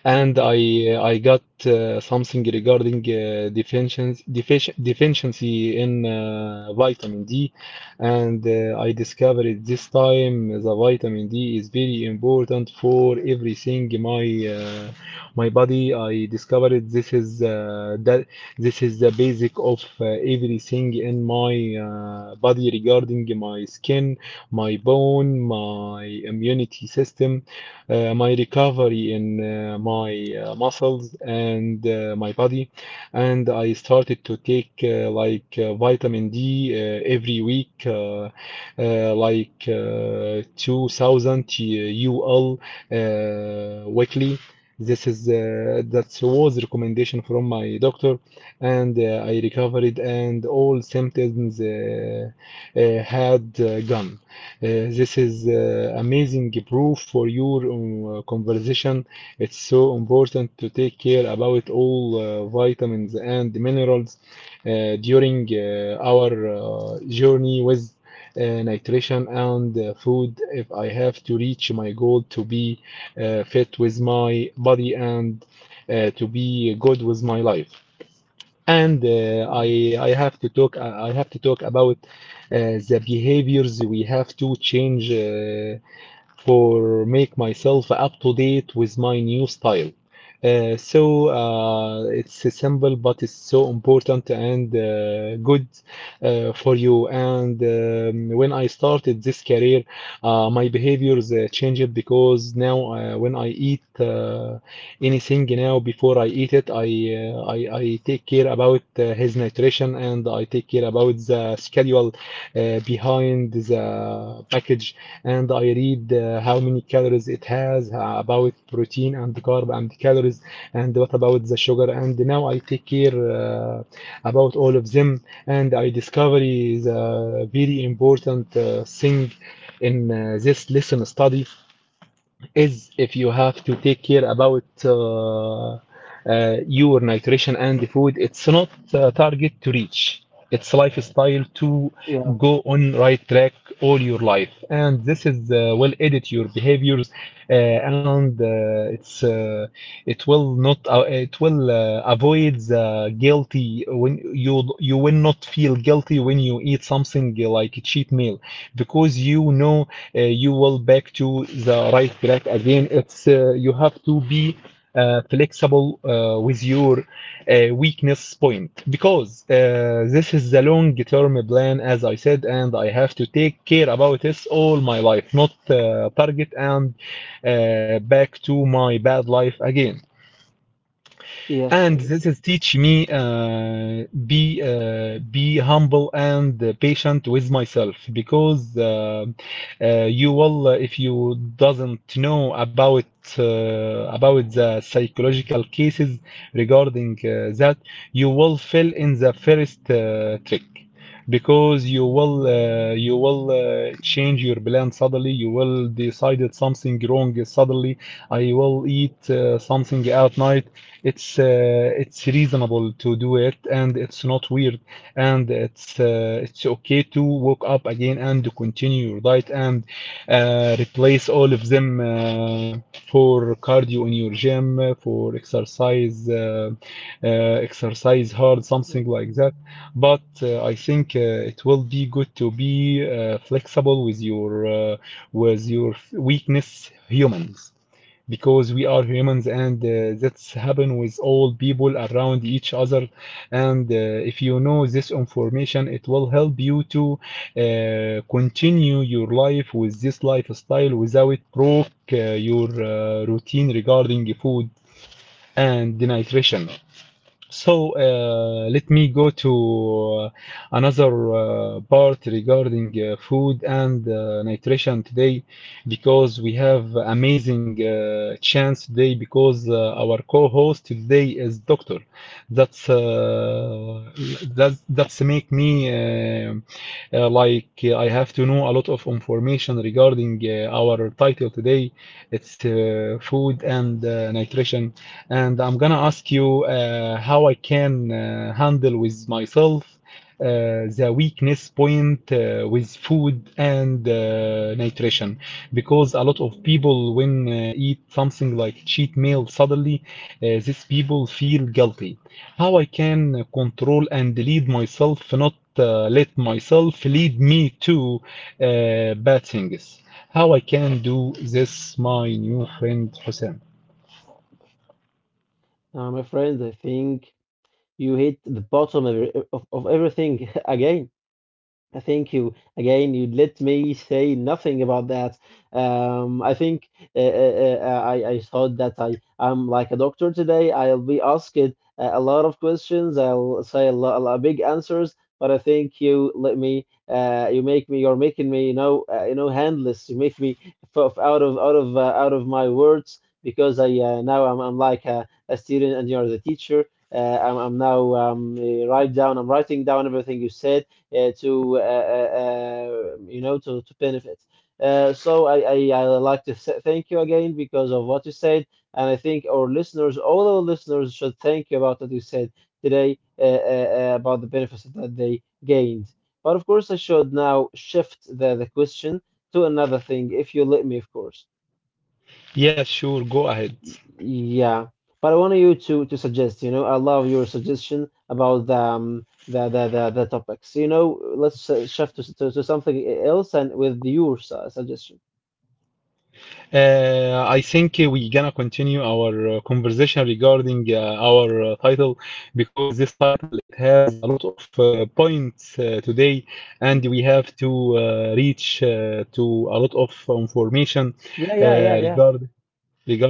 [SPEAKER 1] and
[SPEAKER 2] Mhm,
[SPEAKER 1] I got something regarding deficiency in vitamin D, and I discovered this time the vitamin D is very important for everything my uh, my body. I discovered this is that this is the basic of everything in my body regarding my skin, my bone, my immunity system, my recovery in my muscles, and my body. And I started to take like vitamin D uh, every week, like 2000 UL weekly. This is that was recommendation from my doctor, and I recovered, and all symptoms had gone. This is amazing proof for your conversation. It's so important to take care about all vitamins and minerals during our journey with nutrition and food if I have to reach my goal to be fit with my body and to be good with my life. And
[SPEAKER 2] mhm.
[SPEAKER 1] I have to talk I have to talk about the behaviors we have to change for make myself up to date with my new style. It's simple, but it's so important and good for you. And when I started this career, my behaviors changed because now when I eat anything now before I eat it, I take care about his nutrition and I take care about the schedule behind the package and I read how many calories it has, about protein and carb and calories, and what about the sugar. And now I take care about all of them, and I discover is a very important thing in this lesson study is if you have to take care about your nutrition and food, it's not a target to reach. It's lifestyle to
[SPEAKER 2] Yeah.
[SPEAKER 1] go on right track all your life, and this is will edit your behaviors, and it's it will not it will avoid the guilty when you will not feel guilty when you eat something like a cheat meal because you know you will back to the right track again. It's You have to be flexible with your weakness point because this is the long term plan, as I said, and I have to take care about this all my life, not target and back to my bad life again.
[SPEAKER 2] Yes.
[SPEAKER 1] And this
[SPEAKER 2] I.
[SPEAKER 1] is teach me be humble and patient with myself because you will if you doesn't know uh, about the psychological cases regarding that you will fail in the first trick because you will change your plan suddenly you will decided something wrong suddenly I will eat something at night it's reasonable to do it and it's not weird and it's okay to wake up again and to continue your diet and replace all of them for cardio in your gym for exercise hard something
[SPEAKER 2] Mhm.
[SPEAKER 1] like that but I think it will be good to be flexible with your weakness humans because we are humans and that's happen with all people around each other and if you know this information it will help you to continue your life with this lifestyle without broke your routine regarding food and nutrition. So let me go to another part regarding food and nutrition today because we have amazing chance today because our co-host today is doctor. That's that that's make me like I have to know a lot of information regarding our title today. It's Food and nutrition, and I'm gonna ask you how I can handle with myself the weakness point with food and nutrition because a lot of people when eat something like cheat meal suddenly these people feel guilty. How I can control and lead myself not let myself lead me to bad things. How I can do this, my new friend Hussein?
[SPEAKER 2] My friend, I think you hit the bottom of, of everything again. Thank you again. You let me say nothing about that. I think I thought that I'm like a doctor today. I'll be asked a lot of questions. I'll say a lot big answers. But I think you let me. You make me. You're making me. You know. You know. Handless. You make me f out of out of my words because I now I'm like a student, and you're the teacher. I'm now write down. I'm writing down everything you said to you know to benefit. So I like to thank you again because of what you said, and I think our listeners, all our listeners, should thank you about what you said today about the benefits that they gained. But of course, I should now shift the question to another thing, if you let me, of course.
[SPEAKER 1] Yeah, sure, go ahead.
[SPEAKER 2] Yeah, but I want you to suggest, you know, I love your suggestion about the topics. You know, let's shift to something else, and with your suggestion.
[SPEAKER 1] I think we gonna continue our conversation regarding our title because this title it has a lot of points today, and we have to reach to a lot of information
[SPEAKER 2] Yeah,
[SPEAKER 1] uh,
[SPEAKER 2] yeah, yeah, yeah.
[SPEAKER 1] regard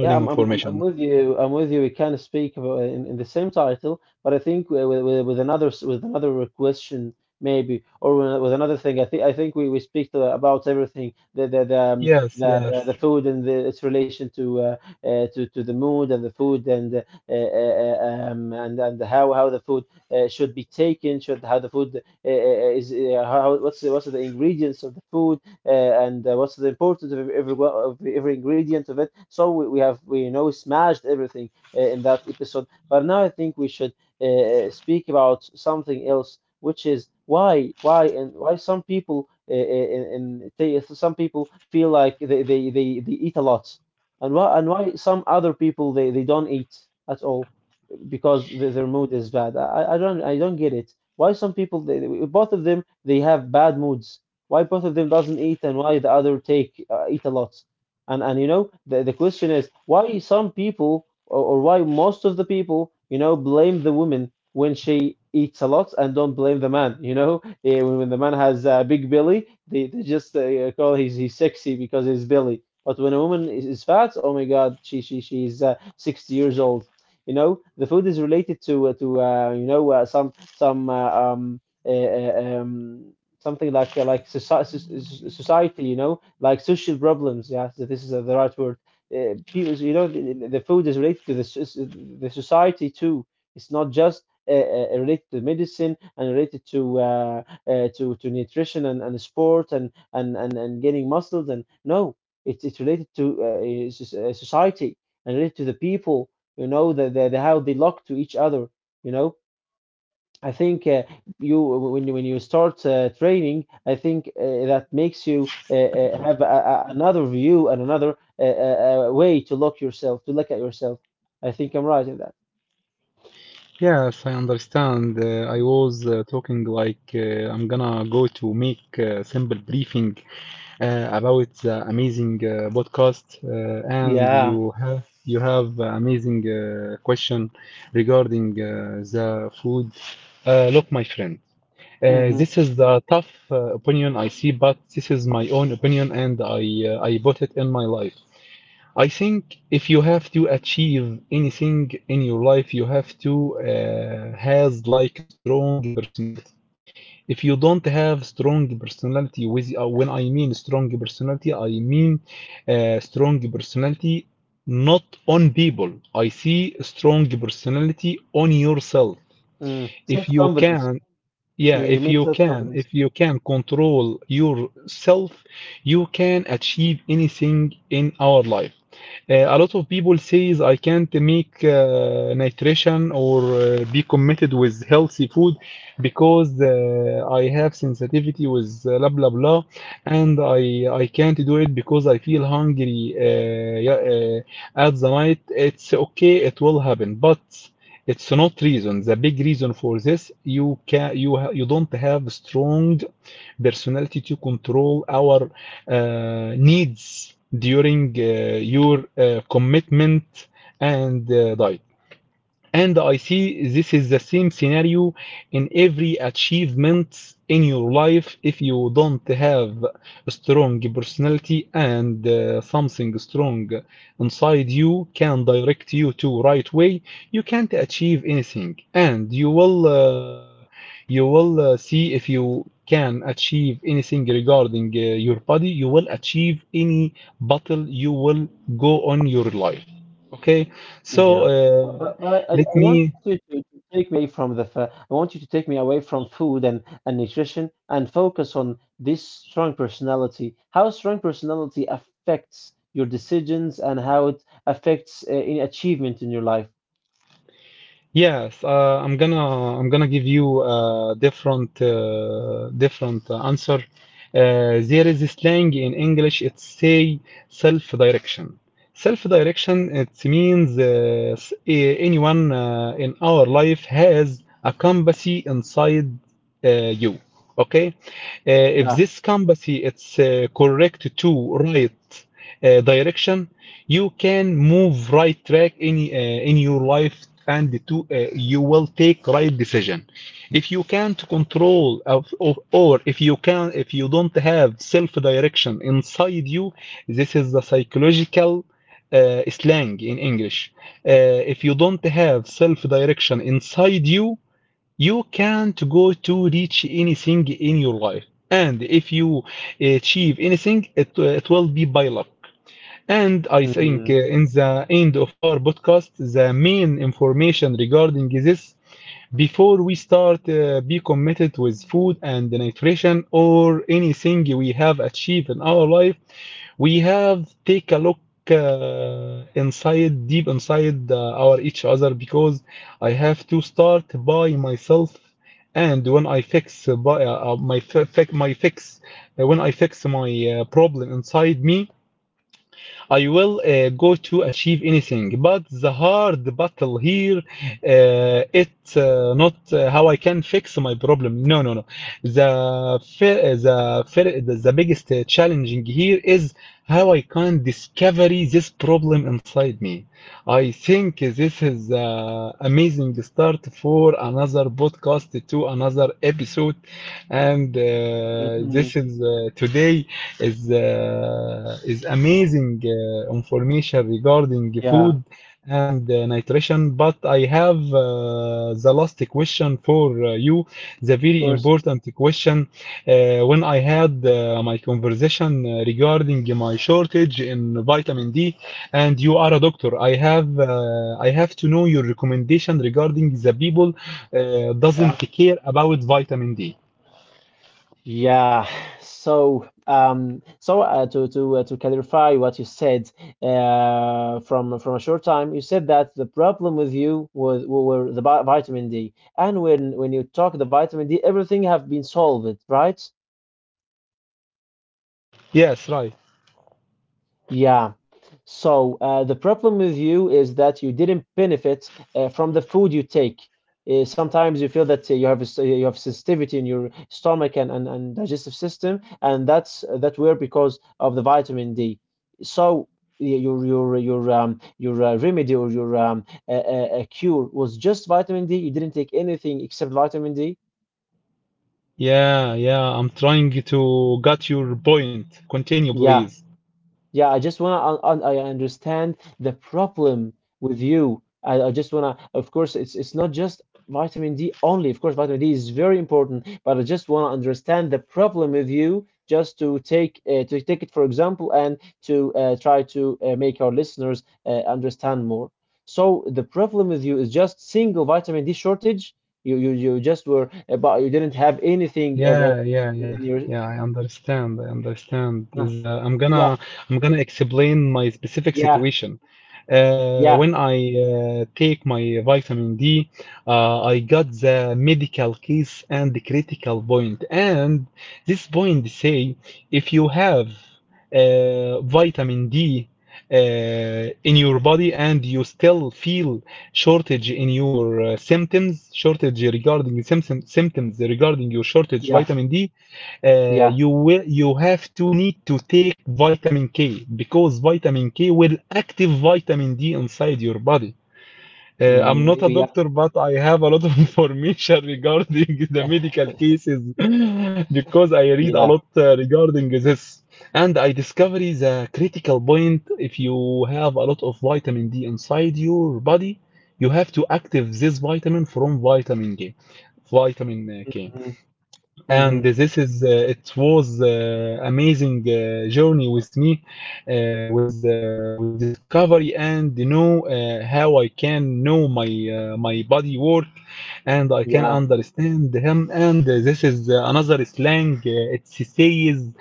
[SPEAKER 2] Yeah, I'm
[SPEAKER 1] information.
[SPEAKER 2] with you. I'm with you. We can speak about in the same title, but I think with another with another question maybe, or with another thing. I think we speak about everything,
[SPEAKER 1] Yes, yes,
[SPEAKER 2] the food and its relation to the mood and the food, and and how the food should be taken, should how the food is how what's what's the ingredients of the food, and what's the importance of every ingredient of it. So we have we you know, smashed everything in that episode. But now I think we should speak about something else, which is why and why some people some people feel like they eat a lot, and why some other people, they don't eat at all, because their mood is bad. I don't get it. Why some people both of them, they have bad moods. Why both of them doesn't eat, and why the other take eat a lot. And you know, the question is why some people, or why most of the people, you know, blame the woman when she eats a lot and don't blame the man. You know eh, when the man has a big belly, they just call he's sexy because he's belly. But when a woman is fat, oh my God, she's 60 years old. You know, the food is related to some something like society. You know, like social problems. Yeah, so this is the right word. People, you know, the food is related to the the society too. It's not just related to medicine and related to to nutrition, and sport, and gaining muscles, and no, it's related to society and related to the people, you know, the how they look to each other, you know. I think you, when you start training, I think that makes you have another view and another way to look yourself, to look at yourself. I think I'm right in that.
[SPEAKER 1] yes. I understand. I was talking like I'm gonna go to make a simple briefing about the amazing podcast and
[SPEAKER 2] Yeah.
[SPEAKER 1] you have amazing question regarding the food. Look, my friend,
[SPEAKER 2] Hmm.
[SPEAKER 1] this is the tough opinion I see, but this is my own opinion and I bought it in my life. I think if you have to achieve anything in your life, you have to has like a strong personality. If you don't have strong personality with when I mean strong personality I mean strong personality, not on people. I see strong personality on yourself.
[SPEAKER 2] Mm.
[SPEAKER 1] If you
[SPEAKER 2] Self-confidence.
[SPEAKER 1] can,
[SPEAKER 2] you,
[SPEAKER 1] yeah,
[SPEAKER 2] you mean self-confidence?
[SPEAKER 1] if you can control yourself, you can achieve anything in our life. A lot of people says I can't make nutrition or be committed with healthy food because I have sensitivity with blah blah blah, and I can't do it because I feel hungry yeah, at the night. It's okay, it will happen, but it's not reason. The big reason for this, you can you ha- you don't have strong personality to control our needs during your commitment and diet. And I see this is the same scenario in every achievement in your life. If you don't have a strong personality and something strong inside you can direct you to right way, you can't achieve anything. And you will see if you can achieve anything regarding your body, you will achieve any battle you will go on your life. Okay, so
[SPEAKER 2] Yeah, but
[SPEAKER 1] uh, let
[SPEAKER 2] I want
[SPEAKER 1] me.
[SPEAKER 2] you to take me from the I want you to take me away from food and nutrition and focus on this strong personality. How strong personality affects your decisions and how it affects in achievement in your life.
[SPEAKER 1] Yes, I'm gonna give you a different answer. There is a slang in English. It's say self-direction. Self-direction. It means anyone in our life has a compass inside uh, you. Okay. If
[SPEAKER 2] Yeah.
[SPEAKER 1] this compass it's correct to right direction, you can move right track in your life and to you will take right decision. If you can't control or if you can if you don't have self direction inside you, this is the psychological slang in English. If you don't have self direction inside you, you can't go to reach anything in your life, and if you achieve anything it will be by luck. And I think
[SPEAKER 2] Mm-hmm.
[SPEAKER 1] in the end of our podcast, the main information regarding this before we start, be committed with food and nutrition or anything we have achieved in our life. We have take a look inside, deep inside our each other because I have to start by myself. And when I fix by, my fi- fi- my fix, when I fix my problem inside me, I will go to achieve anything, but the hard battle here, it's not how I can fix my problem. No, no, no. The biggest challenging here is how I can discover this problem inside me. I think this is amazing start for another podcast to another episode, and this is today is amazing information regarding food
[SPEAKER 2] Yeah.
[SPEAKER 1] and nutrition, but I have the last question for you, the
[SPEAKER 2] Of
[SPEAKER 1] very
[SPEAKER 2] course.
[SPEAKER 1] important question. When I had my conversation regarding my shortage in vitamin D, and you are a doctor, I have I have to know your recommendation regarding the people doesn't care about vitamin D.
[SPEAKER 2] Yeah. So, to to clarify what you said, from a short time, you said that the problem with you was were the vitamin D, and when you talk the vitamin D, everything have been solved, right?
[SPEAKER 1] Yes, right.
[SPEAKER 2] Yeah. So the problem with you is that you didn't benefit from the food you take. Sometimes you feel that you have a you have sensitivity in your stomach and digestive system, and that's that were because of the vitamin D. So your um, your remedy or your cure was just vitamin D. You didn't take anything except vitamin D.
[SPEAKER 1] Yeah, yeah, I'm trying to get your point. Continue,
[SPEAKER 2] Yeah.
[SPEAKER 1] please.
[SPEAKER 2] Yeah, I just want to. I understand the problem with you. I just want to. Of course, it's not just vitamin D only. Of course, vitamin D is very important, but I just want to understand the problem with you, just to take it for example, and to try to make our listeners understand more. So the problem with you is just single vitamin D shortage. You just were, but you didn't have anything
[SPEAKER 1] Yeah, yeah, yeah.
[SPEAKER 2] in your.
[SPEAKER 1] Yeah, I understand. I understand.
[SPEAKER 2] Uh,
[SPEAKER 1] There's a- I'm
[SPEAKER 2] yeah,
[SPEAKER 1] gonna I'm gonna explain my specific
[SPEAKER 2] yeah,
[SPEAKER 1] situation.
[SPEAKER 2] yeah,
[SPEAKER 1] When I take my vitamin D, I got the medical case and the critical point. And this point say if you have vitamin D in your body and you still feel shortage in your symptoms, shortage regarding the symptom, symptoms regarding your shortage
[SPEAKER 2] yeah,
[SPEAKER 1] vitamin D,
[SPEAKER 2] yeah.
[SPEAKER 1] you will you have to need to take vitamin K because vitamin K will active vitamin D inside your body. I'm not a
[SPEAKER 2] Maybe, yeah.
[SPEAKER 1] doctor, but I have a lot of information regarding the medical cases because I read a
[SPEAKER 2] Yeah.
[SPEAKER 1] lot regarding this. And I discovered the critical point if you have a lot of vitamin D inside your body, you have to active this vitamin from vitamin K, vitamin K,
[SPEAKER 2] Mhm.
[SPEAKER 1] and
[SPEAKER 2] Mhm.
[SPEAKER 1] this is it was amazing journey with me with discovery. And you know how I can know my my body work and I can
[SPEAKER 2] Yeah.
[SPEAKER 1] understand him. And this is another slang it says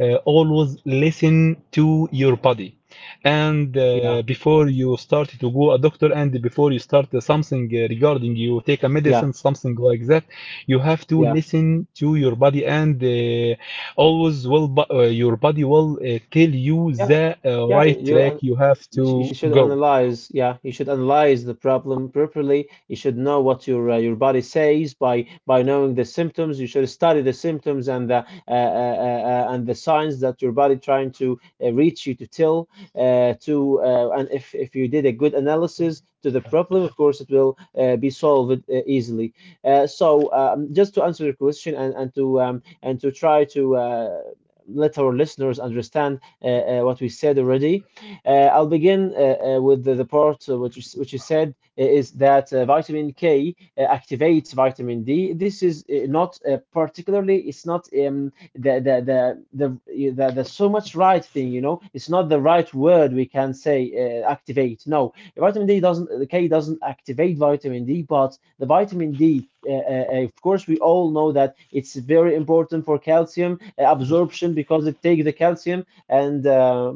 [SPEAKER 1] always listen to your body. And
[SPEAKER 2] Yeah.
[SPEAKER 1] before you start to go a doctor and before you start something regarding you take a
[SPEAKER 2] Yeah.
[SPEAKER 1] medicine something like that, you have to
[SPEAKER 2] Yeah.
[SPEAKER 1] listen to your body. And your body will tell you
[SPEAKER 2] Yeah.
[SPEAKER 1] the
[SPEAKER 2] Yeah.
[SPEAKER 1] right track
[SPEAKER 2] You'll,
[SPEAKER 1] you have to
[SPEAKER 2] you should
[SPEAKER 1] go.
[SPEAKER 2] analyze. Yeah, you should analyze the problem properly. You should know what your body says by knowing the symptoms. You should study the symptoms and the signs that your body trying to reach you to tell, to and if you did a good analysis to the problem, of course it will be solved easily. Just to answer your question and to and to try to let our listeners understand what we said already. I'll begin with the part which you said is that vitamin K activates vitamin D. This is not particularly, it's not the so much right thing, you know, it's not the right word we can say activate. No, vitamin D doesn't, the K doesn't activate vitamin D, but the vitamin D of course, we all know that it's very important for calcium absorption because it takes the calcium and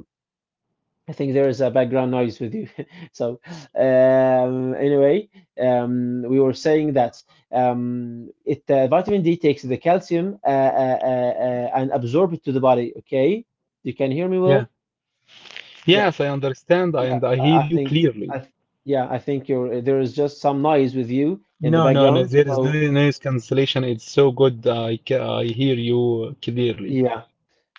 [SPEAKER 2] I think there is a background noise with you. So, anyway, we were saying that it vitamin D takes the calcium and absorb it to the body. Okay, you can hear me
[SPEAKER 1] Yeah,
[SPEAKER 2] well? Yeah,
[SPEAKER 1] yes, I understand, I,
[SPEAKER 2] yeah.
[SPEAKER 1] and I hear
[SPEAKER 2] I
[SPEAKER 1] you
[SPEAKER 2] think,
[SPEAKER 1] clearly.
[SPEAKER 2] I, yeah, I think you're there is just some noise with you in the
[SPEAKER 1] No, no, no,
[SPEAKER 2] background.
[SPEAKER 1] there is no
[SPEAKER 2] So,
[SPEAKER 1] noise cancellation, it's so good, I, ca- I hear you clearly.
[SPEAKER 2] yeah.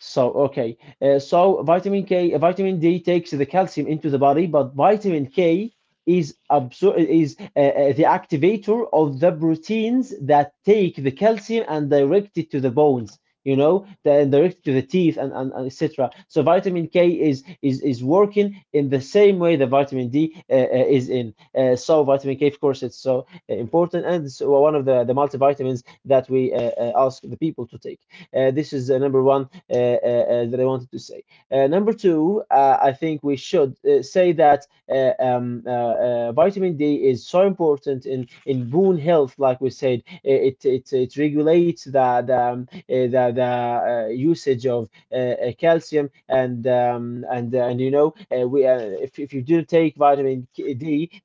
[SPEAKER 2] So okay, vitamin D takes the calcium into the body, but vitamin K is the activator of the proteins that take the calcium and direct it to the bones. You know, then direct it to the teeth and etc. So vitamin K is is working in the same way that vitamin D is in. So vitamin K, of course, it's so important, and it's one of the multivitamins that we ask the people to take. This is number one that I wanted to say. Number two, I think we should say that vitamin D is so important in bone health. Like we said, it it regulates the usage of calcium, and you know, we if you didn't take vitamin D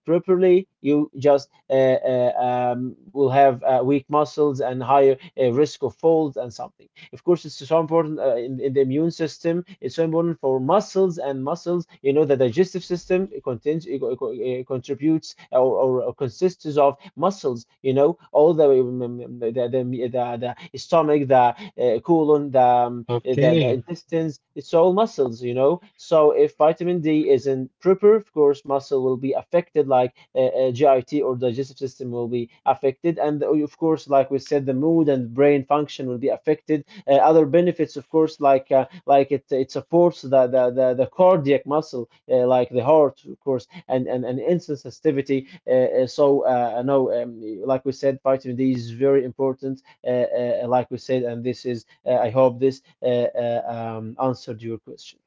[SPEAKER 2] properly, you just will have weak muscles and higher risk of falls and something. Of course it's so important in the immune system. It's so important for muscles, and muscles, you know, the digestive system, it contains, it, it contributes or consists of muscles, you know, all the the stomach, the colon, the
[SPEAKER 1] Okay.
[SPEAKER 2] intestines, it's all muscles, you know. So if vitamin D isn't proper, of course muscle will be affected, like GIT or digestive system will be affected, and of course, like we said, the mood and brain function will be affected. Uh, other benefits, of course, like it supports the cardiac muscle, like the heart, of course, and and insulin sensitivity. No, like we said, vitamin D is very important. Like we said, and this is I hope this answered your question.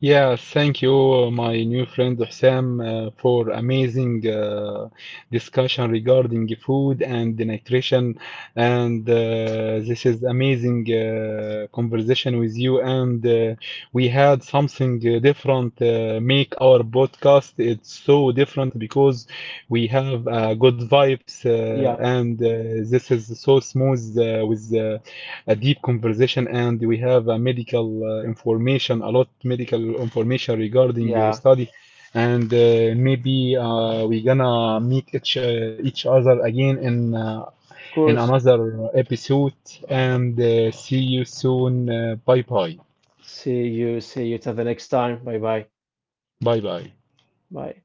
[SPEAKER 1] Yeah, thank you, my new friend Hussam, for amazing discussion regarding food and nutrition. And this is amazing conversation with you. And we had something different make our podcast. It's so different because we have good vibes,
[SPEAKER 2] Yeah,
[SPEAKER 1] and this is so smooth with a deep conversation, and we have a medical information, a lot medical information regarding your
[SPEAKER 2] yeah,
[SPEAKER 1] study. And maybe we gonna meet each other again
[SPEAKER 2] of
[SPEAKER 1] in
[SPEAKER 2] course.
[SPEAKER 1] another episode, and see you soon. Bye bye.
[SPEAKER 2] See you till the next time. Bye bye.
[SPEAKER 1] Bye bye.
[SPEAKER 2] Bye.